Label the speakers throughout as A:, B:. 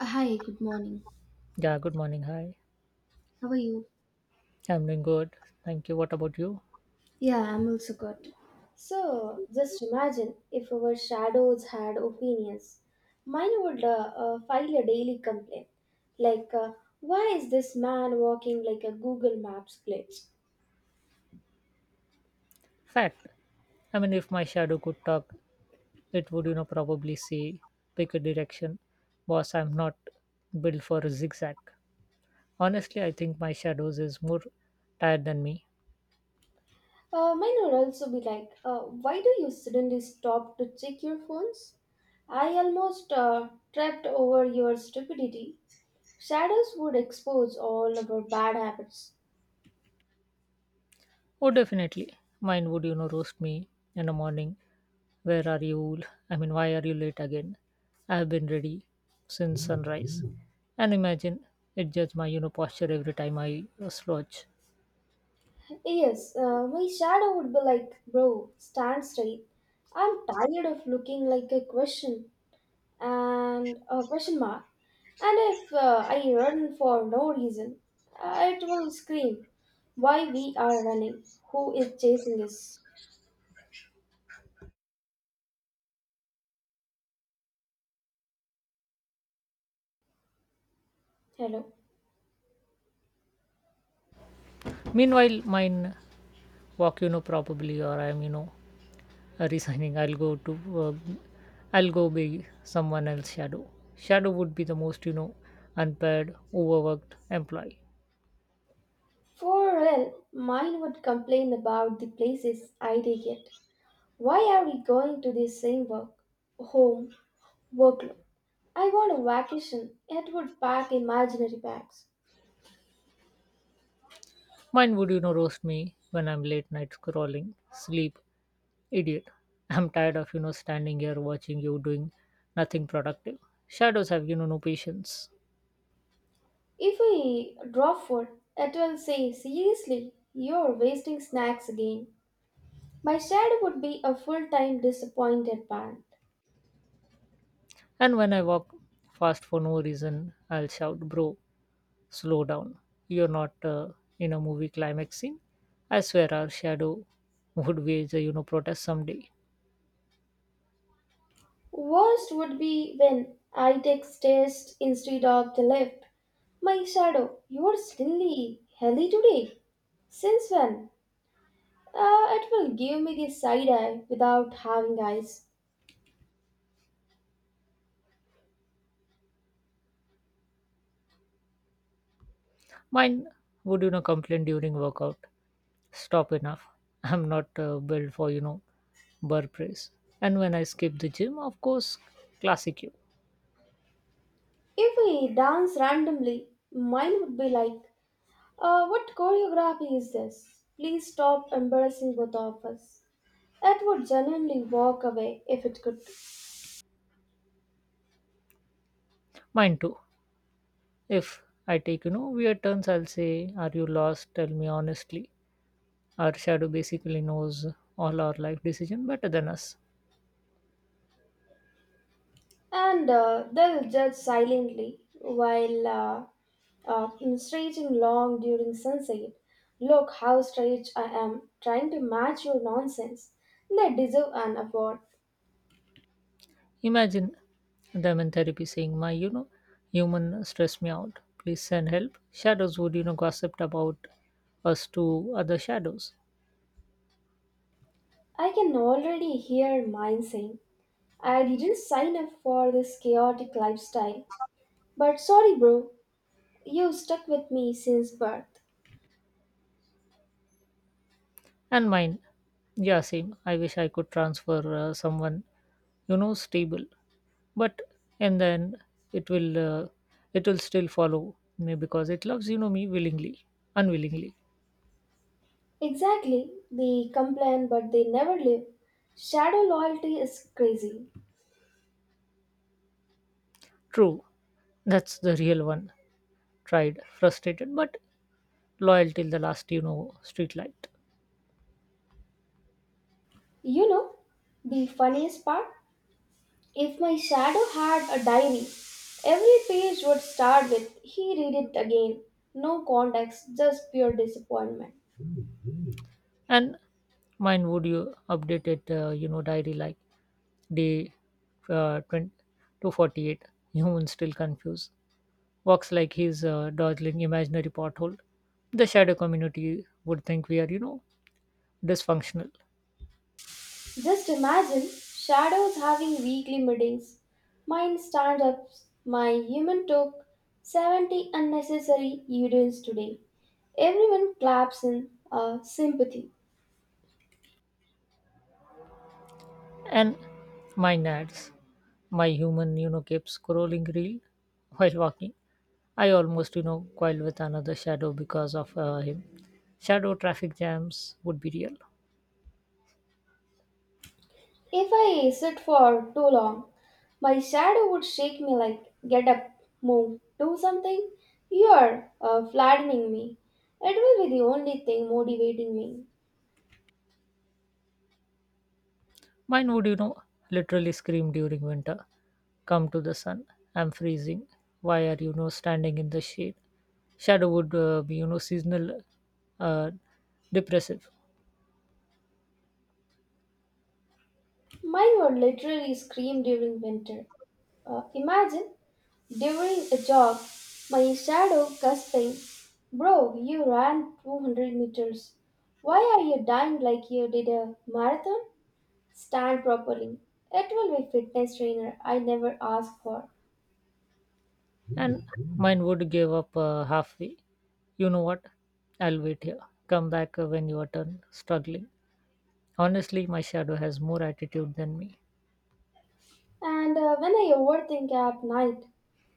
A: Hi, good morning.
B: Yeah, good morning. Hi.
A: How are you?
B: I'm doing good. Thank you. What about you?
A: Yeah, I'm also good. So, just imagine if our shadows had opinions. Mine would file a daily complaint, like, uh, why is this man walking like a Google Maps glitch?
B: Fact. I mean, if my shadow could talk, it would, probably say, pick a direction. Boss, I'm not built for a zigzag. Honestly, I think my shadows is more tired than me.
A: Mine would also be like, why do you suddenly stop to check your phones? I almost tripped over your stupidity. Shadows would expose all of our bad habits.
B: Oh, definitely. Mine would, roast me in the morning. Where are you? I mean, why are you late again? I've been ready since sunrise. And imagine it judge my, posture every time I slouch.
A: Yes, my shadow would be like, bro, stand straight. I'm tired of looking like a question and a question mark. And if I run for no reason, it will scream why we are running, who is chasing us. Hello.
B: Meanwhile, mine walk, probably, or I'm, resigning. I'll go to, uh, I'll go be someone else shadow. Shadow would be the most, unpaid, overworked employee.
A: For real, mine would complain about the places I take it. Why are we going to the same work, home, workload? I want a vacation. It would pack imaginary bags.
B: Mine would, roast me when I'm late night scrolling. Sleep, idiot. I'm tired of, standing here watching you doing nothing productive. Shadows have, no patience.
A: If I draw food, it will say, seriously, you're wasting snacks again. My dad would be a full time disappointed parent.
B: And when I walk fast for no reason, I'll shout, bro, slow down. You're not in a movie climax scene. I swear our shadow would wage a, protest someday.
A: Worst would be when I text test instead of the left. My shadow, you're silly, healthy today. Since when? It will give me the side eye without having eyes.
B: Mine would, complain during workout. Stop, enough. I'm not built for, burr press. And when I skip the gym, of course, classic you.
A: If we dance randomly, mine would be like, what choreography is this? Please stop embarrassing both of us. It would genuinely walk away if it could.
B: Mine too. If I take, weird turns, I'll say, "Are you lost? Tell me honestly." Our shadow basically knows all our life decision better than us.
A: And they'll judge silently while stretching long during sunset. Look how strange I am, trying to match your nonsense. They deserve an award.
B: Imagine them in therapy saying, my, human stress me out. Please send help. Shadows would, gossiped about us to other shadows.
A: I can already hear mine saying, I didn't sign up for this chaotic lifestyle. But sorry, bro, you stuck with me since birth.
B: And mine, yeah, same. I wish I could transfer someone, stable. But in the end, it will, uh, it will still follow me because it loves, me willingly, unwillingly.
A: Exactly. They complain but they never live. Shadow loyalty is crazy.
B: True. That's the real one. Tried, frustrated, but loyal till the last, street light.
A: You know, the funniest part? If my shadow had a diary, every page would start with, he read it again. No context, just pure disappointment.
B: And mine would you update it, diary like day 20, 248. Human still confused. Walks like he's dodging imaginary pothole. The shadow community would think we are, dysfunctional.
A: Just imagine shadows having weekly meetings. Mine stand-ups, my human took 70 unnecessary urines today. Everyone claps in sympathy.
B: And my nads, my human, keeps scrolling reel while walking. I almost, coiled with another shadow because of him. Shadow traffic jams would be real.
A: If I sit for too long, my shadow would shake me like, get up, move, do something. You are flattening me. It will be the only thing motivating me.
B: Mine would, literally scream during winter. Come to the sun. I'm freezing. Why are standing in the shade? Shadow would be, seasonal, uh, depressive.
A: Mine would literally scream during winter. Imagine during a jog, my shadow gasping, bro, you ran 200 meters. Why are you dying like you did a marathon? Stand properly. It will be fitness trainer I never asked for.
B: And mine would give up halfway. You know what? I'll wait here. Come back when you are done struggling. Honestly, my shadow has more attitude than me.
A: And when I overthink at night,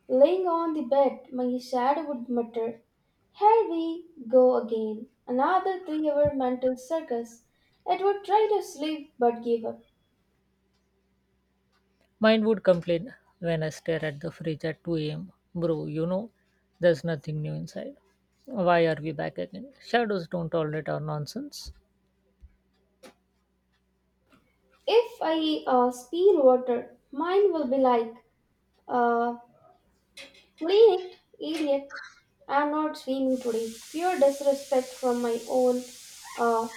A: laying on the bed, my shadow would mutter, here we go again, another 3 hour mental circus. It would try to sleep but give up.
B: Mine would complain when I stare at the fridge at 2 a.m. Bro, there's nothing new inside. Why are we back again? Shadows don't tolerate our nonsense.
A: If I spill water, mine will be like, uh, clean it, idiot. I'm not swimming today. Pure disrespect from my own uh,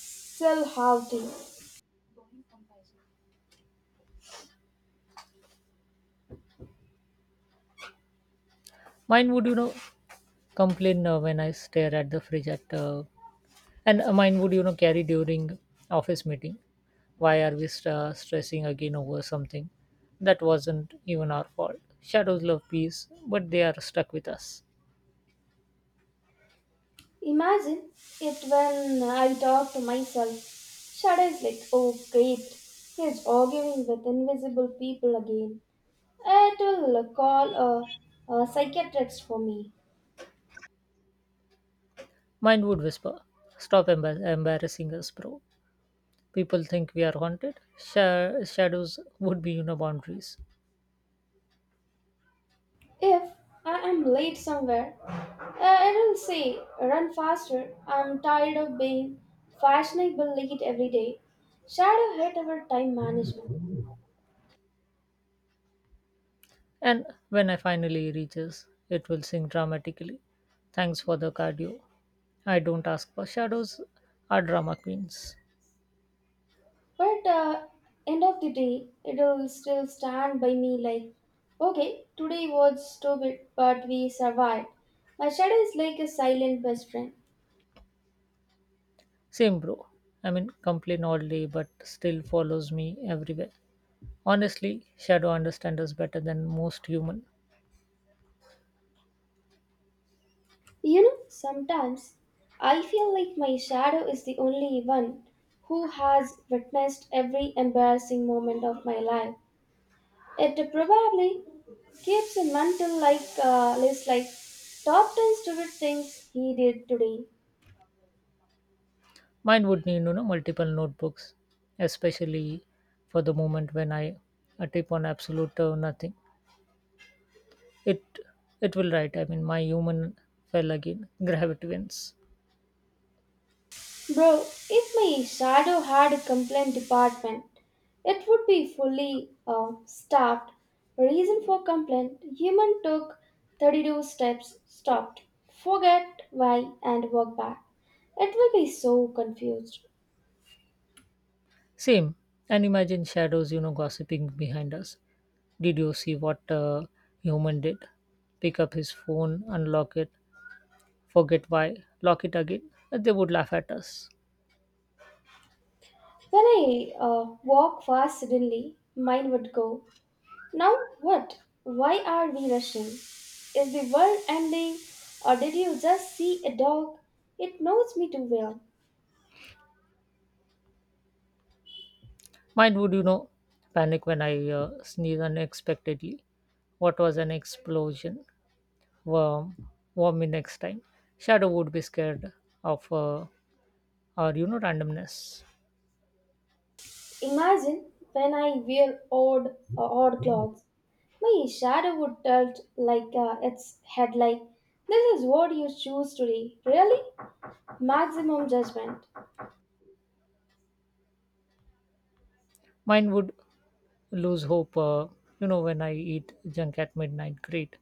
A: self-haughty.
B: Mine would, complain when I stare at the fridge at, and mine would, carry during office meeting. Why are we stressing again over something that wasn't even our fault? Shadows love peace, but they are stuck with us.
A: Imagine it when I talk to myself. Shadows like, oh great, he's arguing with invisible people again. It will call a psychiatrist for me.
B: Mine would whisper, "Stop embarrassing us, bro." People think we are haunted. Shadows would be, boundaries.
A: If I am late somewhere, it will say, run faster, I'm tired of being fashionable late every day. Shadow hate our time management.
B: And when I finally reaches, it will sing dramatically, thanks for the cardio. I don't ask for. Shadows are drama queens.
A: But end of the day, it'll still stand by me like, okay, today was stupid, but we survived. My shadow is like a silent best friend.
B: Same, bro. I mean, complain all day but still follows me everywhere. Honestly, shadow understand us better than most human.
A: You know, sometimes I feel like my shadow is the only one who has witnessed every embarrassing moment of my life. It probably keeps a mental list like top 10 stupid things he did today.
B: Mine would need, multiple notebooks, especially for the moment when I tip on absolute nothing. It it will write, I mean, my human fell again. Gravity wins.
A: Bro, if my shadow had a complaint department, it would be fully staffed. Reason for complaint human took 32 steps, stopped, forget why, and walk back. It will be so confused.
B: Same. And imagine shadows, gossiping behind us. Did you see what human did? Pick up his phone, unlock it, forget why, lock it again. And they would laugh at us.
A: When I walk fast suddenly, mine would go. Now what? Why are we rushing? Is the world ending or did you just see a dog? It knows me too well.
B: Mine would, panic when I sneeze unexpectedly. What was an explosion? Warm. Warm me next time. Shadow would be scared of our, randomness.
A: Imagine when I wear odd clothes. My shadow would tilt like its headlight. This is what you choose today. Really? Maximum judgment.
B: Mine would lose hope, when I eat junk at midnight. Great,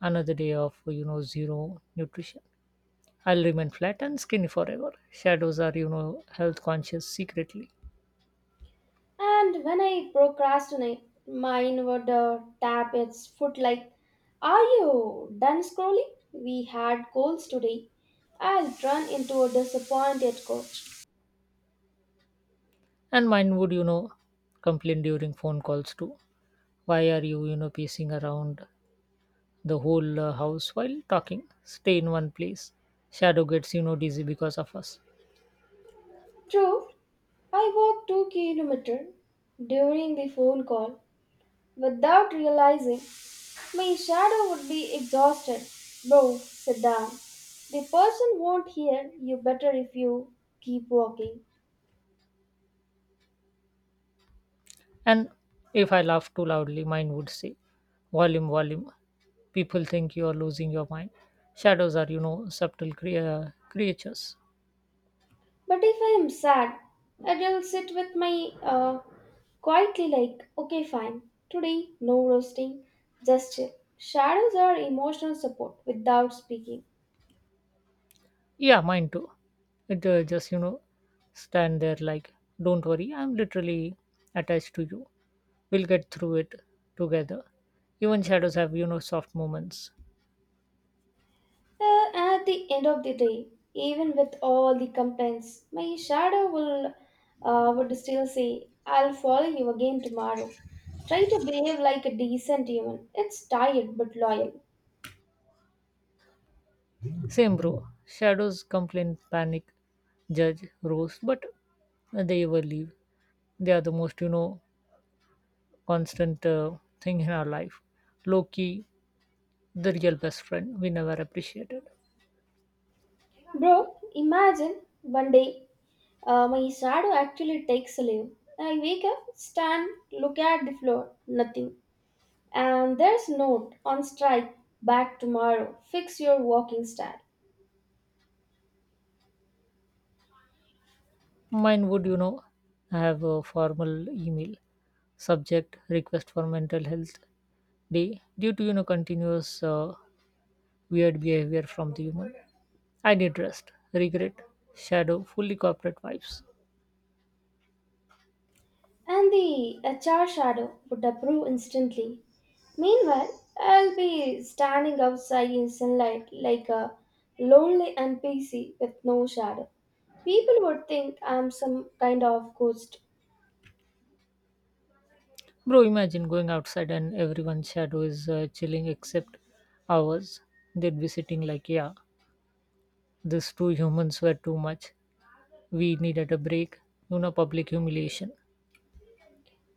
B: another day of, zero nutrition. I'll remain flat and skinny forever. Shadows are, health conscious secretly.
A: And when I procrastinate, mine would tap its foot like, are you done scrolling? We had goals today. I'll run into a disappointed coach.
B: And mine would, complain during phone calls too. Why are you you know pacing around the whole house while talking. Stay in one place. Shadow gets, dizzy because of us.
A: True, I walked 2 kilometers during the phone call without realizing. My shadow would be exhausted. Bro, sit down. The person won't hear you better if you keep walking.
B: And if I laugh too loudly, mine would say, volume, volume. People think you are losing your mind. Shadows are, subtle creatures.
A: But if I am sad, I'll sit with my quietly like, okay, fine. Today, no roasting, just chill. Shadows are emotional support without speaking.
B: Yeah, mine too. It just, stand there like, don't worry, I'm literally attached to you. We'll get through it together. Even shadows have, soft moments.
A: At the end of the day, even with all the complaints, my shadow will would still say, "I'll follow you again tomorrow." Try to behave like a decent human. It's tired but loyal,
B: Same, bro. Shadows complain, panic, judge, roast, but they ever leave. They are the most, constant thing in our life. Low key, the real best friend we never appreciated.
A: bro. Imagine one day my shadow actually takes a leave. I wake up, stand, look at the floor, nothing, and there's note on strike. Back tomorrow. Fix your walking style.
B: Mine would, have a formal email subject request for mental health day due to continuous weird behavior from the human. I did rest, regret, shadow, fully corporate vibes.
A: And the HR shadow would approve instantly. Meanwhile, I'll be standing outside in sunlight like a lonely NPC with no shadow. People would think I'm some kind of ghost.
B: Bro, imagine going outside and everyone's shadow is chilling except ours. They'd be sitting like, yeah, these two humans were too much. We needed a break, public humiliation.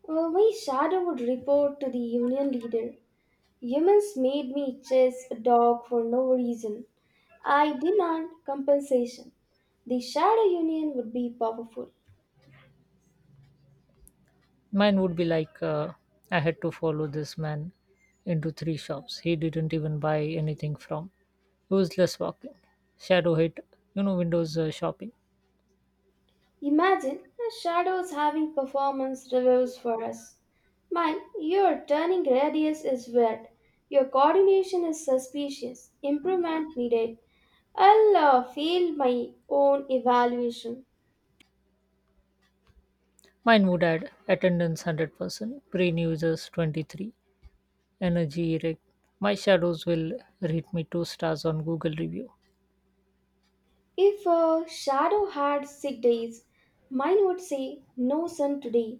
A: My shadow would report to the union leader. Humans made me chase a dog for no reason. I demand compensation. The shadow union would be powerful.
B: Mine would be like I had to follow this man into three shops he didn't even buy anything from. Useless walking. Shadow hit, Windows shopping.
A: Imagine the shadows having performance reviews for us. Mine, your turning radius is weird. Your coordination is suspicious. Improvement needed. I'll fail my own evaluation.
B: Mine would add attendance 100%, brain users 23, energy erect. My shadows will rate me 2 stars on Google review.
A: If a shadow had sick days, mine would say, no, sun today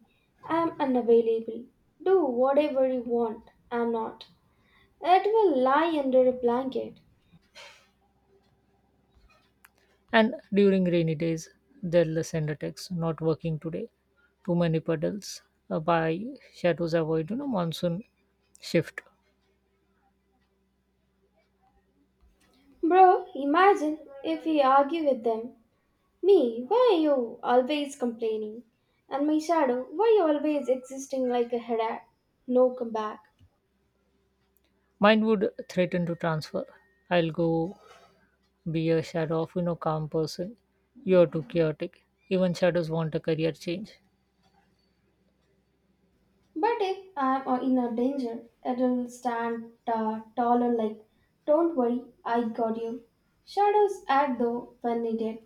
A: I'm unavailable. Do whatever you want. I'm not. It will lie under a blanket.
B: And during rainy days, they'll send a text, not working today, too many puddles, by shadows avoid, monsoon shift.
A: Bro, imagine if we argue with them. Me, why are you always complaining? And my shadow, why you always existing like a headache? No comeback.
B: Mine would threaten to transfer. I'll go be a shadow of, calm person. You're too chaotic. Even shadows want a career change.
A: But if I'm in a danger, it'll stand taller like, don't worry, I got you. Shadows act though when needed.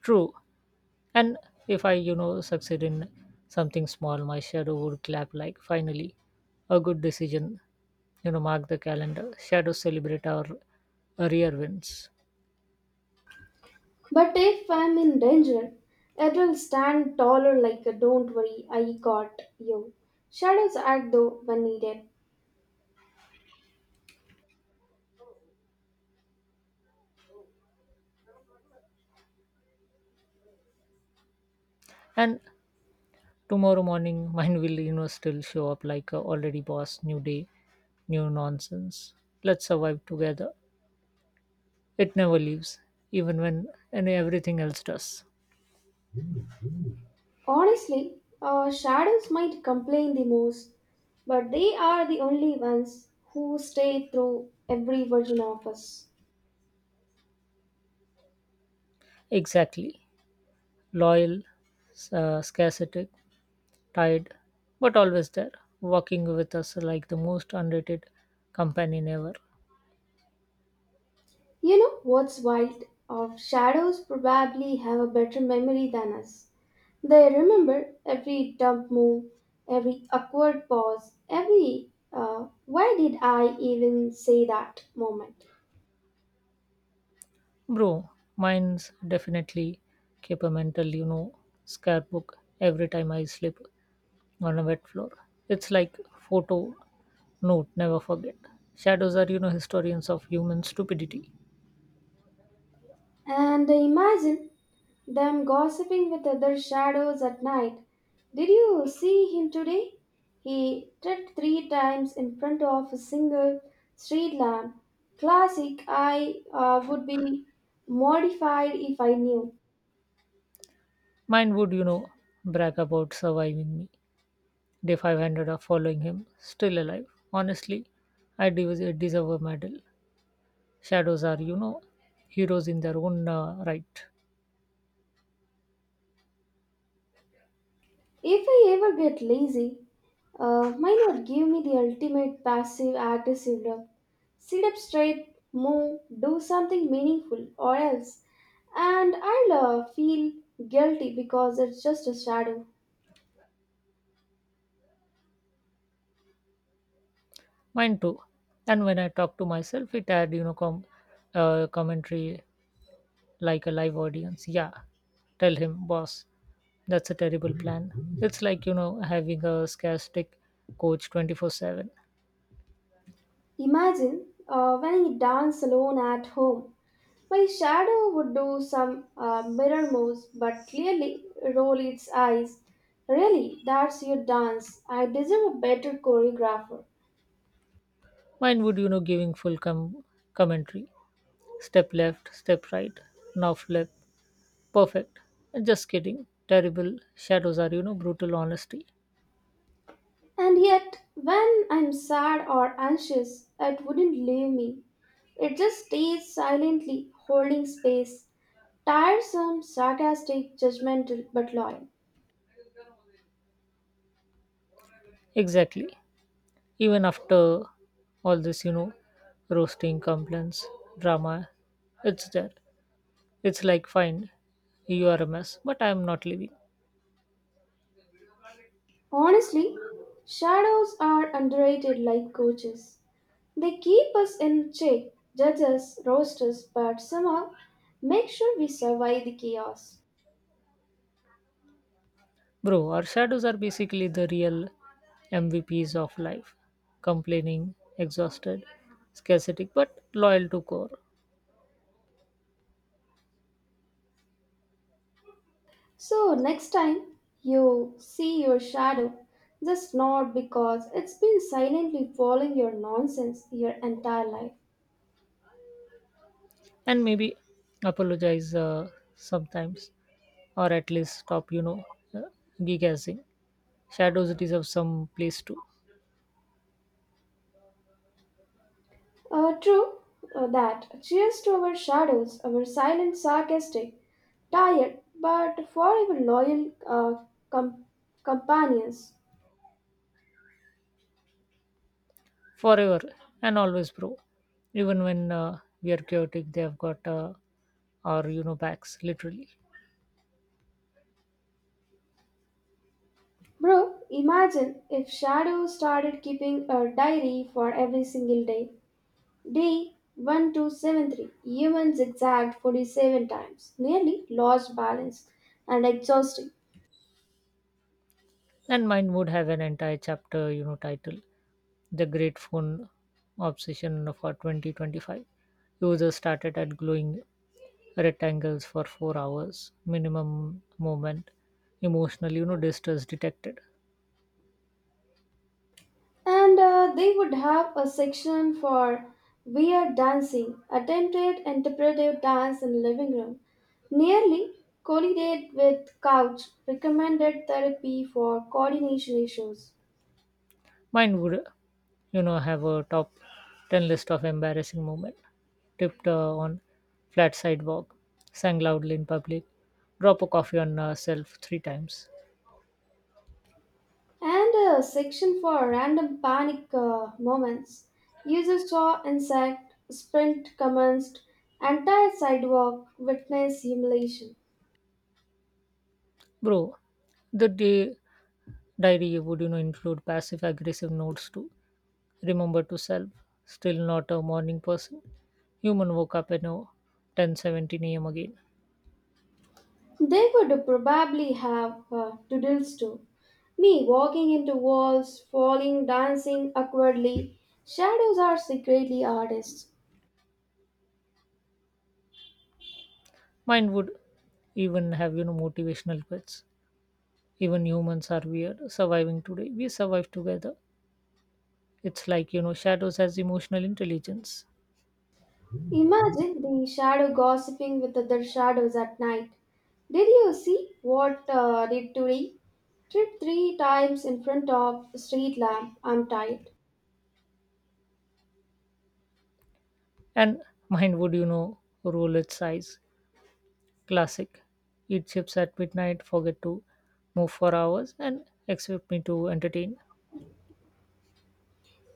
B: True. And if I, succeed in something small, my shadow would clap like, finally, a good decision. You know, mark the calendar. Shadows celebrate our rear wins.
A: But if I'm in danger, it'll stand taller like a don't worry, I got you. Shadows act though when needed.
B: And tomorrow morning mine will still show up like a already boss. New day, new nonsense. Let's survive together. It never leaves, even when and everything else does.
A: Honestly, shadows might complain the most, but they are the only ones who stay through every version of us.
B: Exactly. Loyal, scarcity, tired, but always there, walking with us like the most underrated companion ever.
A: You know what's wild? Of shadows probably have a better memory than us. They remember every dumb move, every awkward pause, every why did I even say that moment.
B: Bro, mine's definitely keep a mental, scrapbook every time I sleep on a wet floor. It's like photo note, never forget. Shadows are, historians of human stupidity.
A: And imagine them gossiping with other shadows at night. Did you see him today? He tripped three times in front of a single street lamp. Classic, I would be mortified if I knew.
B: Mine would, brag about surviving me. Day 500 are following him, still alive. Honestly, I deserve a medal. Shadows are, heroes in their own right.
A: If I ever get lazy, might not give me the ultimate passive aggressive look. Sit up straight, move, do something meaningful, or else. And I'll feel guilty because it's just a shadow.
B: Mine too. And when I talk to myself, it had, commentary like a live audience. Yeah, tell him, boss, that's a terrible plan. It's like, having a scarce coach 24/7.
A: Imagine when he danced alone at home. My shadow would do some mirror moves, but clearly roll its eyes. Really, that's your dance. I deserve a better choreographer.
B: Mine would, giving full commentary. Step left, step right, now flip. Perfect. Just kidding. Terrible. Shadows are, brutal honesty.
A: And yet, when I'm sad or anxious, it wouldn't leave me. It just stays silently, holding space. Tiresome, sarcastic, judgmental, but loyal.
B: Exactly. Even after all this, roasting, complaints, drama, it's there. It's like, fine, you are a mess, but I am not leaving.
A: Honestly, shadows are underrated like coaches. They keep us in check, judge us, roast us, but somehow make sure we survive the chaos.
B: Bro, our shadows are basically the real MVPs of life. Complaining, exhausted, scarcity, but loyal to core.
A: So, next time you see your shadow, just nod because it's been silently following your nonsense your entire life.
B: And maybe apologize, sometimes, or at least stop, uh, gigassing. Shadows deserve some place too.
A: True that. Cheers to our shadows, our silent, sarcastic, tired, but forever loyal com- companions.
B: Forever and always, bro. Even when we are chaotic, they have got our, backs literally.
A: Bro, imagine if Shadow started keeping a diary for every single day. Day 1273, human zigzagged 47 times, nearly lost balance and exhausting.
B: And mine would have an entire chapter, title The Great Phone Obsession for 2025. Users started at glowing rectangles for 4 hours, minimum movement, emotional, distress detected.
A: And they would have a section for weird dancing, attempted interpretive dance in living room, nearly collided with couch, recommended therapy for coordination issues.
B: Mine would, have a top 10 list of embarrassing moment. Tipped on flat sidewalk, sang loudly in public, drop a coffee on self three times.
A: And a section for random panic moments. Users saw insect, sprint commenced, entire sidewalk witnessed simulation.
B: Bro, the day diary would include passive aggressive notes to remember to self, still not a morning person. Human woke up at no 10:17 a.m. again.
A: They would probably have doodles too. Me walking into walls, falling, dancing awkwardly. Shadows are secretly artists.
B: Mine would even have, motivational quotes. Even humans are weird, surviving today. We survive together. It's like, shadows has emotional intelligence.
A: Imagine the shadow gossiping with other shadows at night. Did you see what did today? Trip three times in front of a street lamp. I'm tired.
B: And mine would, roll its eyes. Classic. Eat chips at midnight, forget to move for hours, and expect me to entertain.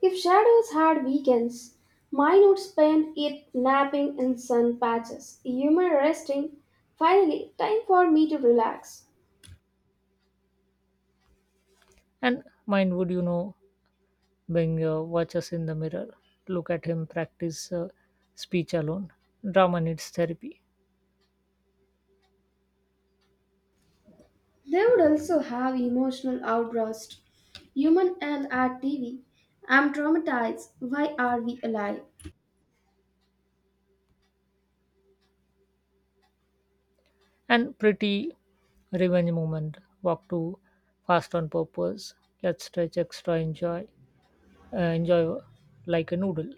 A: If shadows had weekends, mine would spend it napping in sun patches. You may resting. Finally, time for me to relax.
B: And mine would, Bing watches in the mirror. Look at him practice speech alone. Drama needs therapy.
A: They would also have emotional outbursts. Human and at TV. I'm traumatized. Why are we alive?
B: And pretty revenge moment. Walk too fast on purpose. Let's stretch extra. Enjoy. Enjoy like a noodle.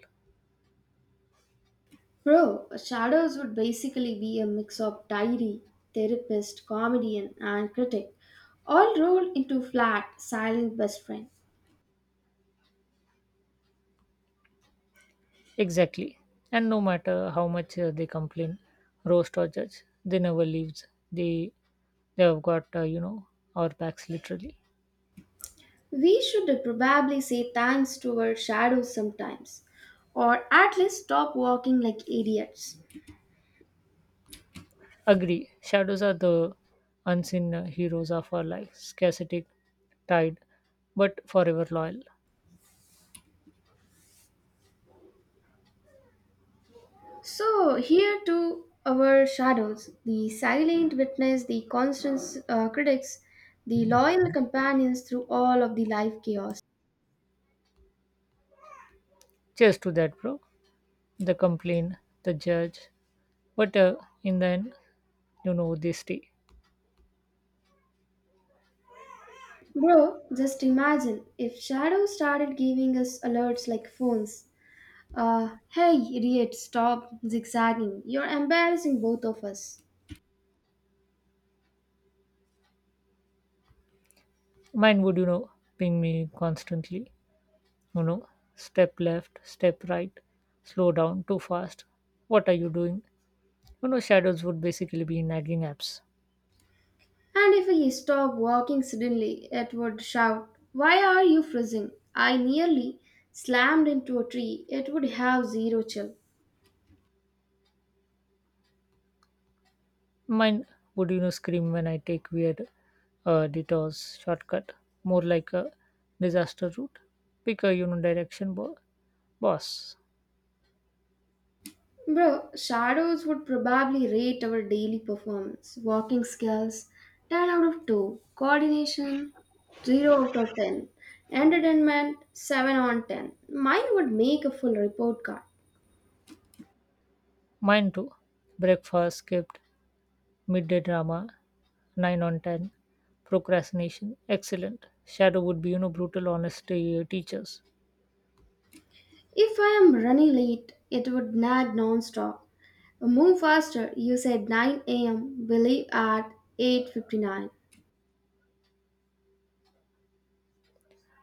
A: Bro, shadows would basically be a mix of diary, therapist, comedian, and critic, all rolled into flat, silent best friend.
B: Exactly. And no matter how much they complain, roast or judge, they never leaves. They have got our backs literally.
A: We should probably say thanks to our shadows sometimes, or at least stop walking like idiots.
B: Agree. Shadows are the unseen heroes of our life. Scarcity, tied, but forever loyal.
A: So, here to our shadows, the silent witness, the constant critics, the loyal companions through all of the life chaos.
B: Cheers to that, bro. The complain, the judge. But in the end, they stay.
A: Bro, just imagine if shadows started giving us alerts like phones. Hey, idiot, stop zigzagging. You're embarrassing both of us.
B: Mine would, ping me constantly. You know, step left, step right, slow down, too fast. What are you doing? You know, shadows would basically be nagging apps.
A: And if he stopped walking suddenly, it would shout, why are you freezing? I nearly slammed into a tree. It would have zero chill.
B: Mine would, scream when I take weird detours, shortcut, more like a disaster route. Pick a, direction, boss.
A: Bro, shadows would probably rate our daily performance. Walking skills, 10 out of 2. Coordination, 0 out of 10. Entertainment, 7 on 10. Mine would make a full report card.
B: Mine too. Breakfast skipped, midday drama, 9 on 10, procrastination, excellent. Shadow would be, brutal honesty teachers.
A: If I am running late, it would nag non-stop. Move faster. You said 9 a.m. We leave at 8:59.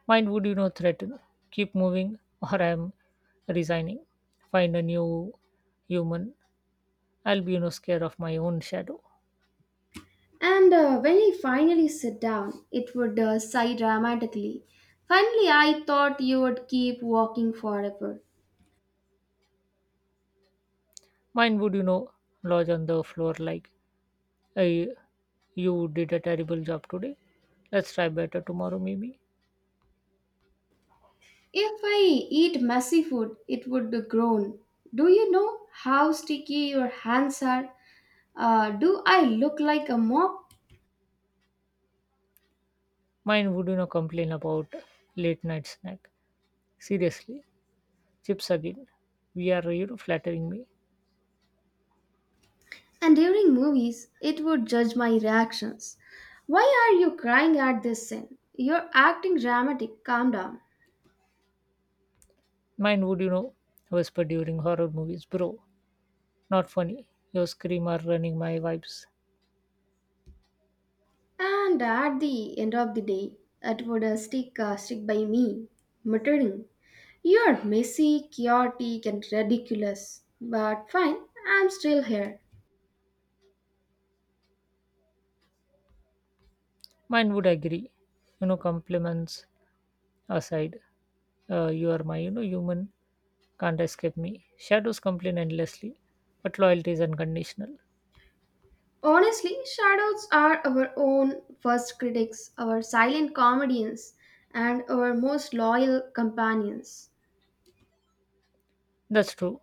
B: Mine would, threaten, keep moving or I am resigning. Find a new human. I'll be, scared of my own shadow.
A: And when he finally sat down, it would sigh dramatically. Finally, I thought you would keep walking forever.
B: Mine would, lodge on the floor like, hey, you did a terrible job today. Let's try better tomorrow, maybe.
A: If I eat messy food, it would groan. Do you know how sticky your hands are? Do I look like a mop?
B: Mine would, complain about late night snack. Seriously, chips again. We are, flattering me.
A: And during movies, it would judge my reactions. Why are you crying at this scene? You're acting dramatic. Calm down.
B: Mine would, whisper during horror movies, bro. Not funny. Your scream are running my vibes.
A: And at the end of the day, it would stick by me, muttering, you're messy, chaotic, and ridiculous. But fine, I'm still here.
B: Mine would agree. You know, compliments aside, you are my, human can't escape me. Shadows complain endlessly, but loyalty is unconditional.
A: Honestly, shadows are our own first critics, our silent comedians, and our most loyal companions.
B: That's true.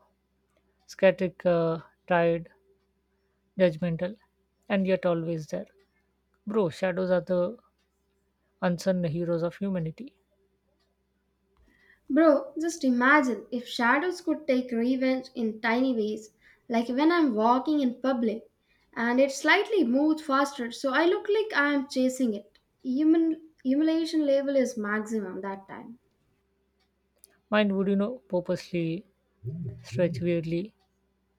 B: Scatic, tired, judgmental, and yet always there. Bro, shadows are the unsung heroes of humanity.
A: Bro, just imagine if shadows could take revenge in tiny ways, like when I'm walking in public and it slightly moves faster, so I look like I'm chasing it. Human humiliation level is maximum that time.
B: Mine would, purposely stretch weirdly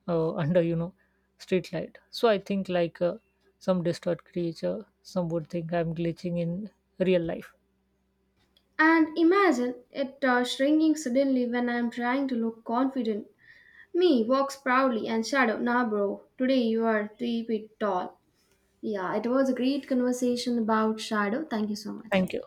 B: under, street light. So I think like some disturbed creature, some would think I'm glitching in real life.
A: And imagine it shrinking suddenly when I'm trying to look confident. Me walks proudly and shadow, nah, bro, today you are 3 feet tall. Yeah, it was a great conversation about shadow. Thank you so much.
B: Thank you.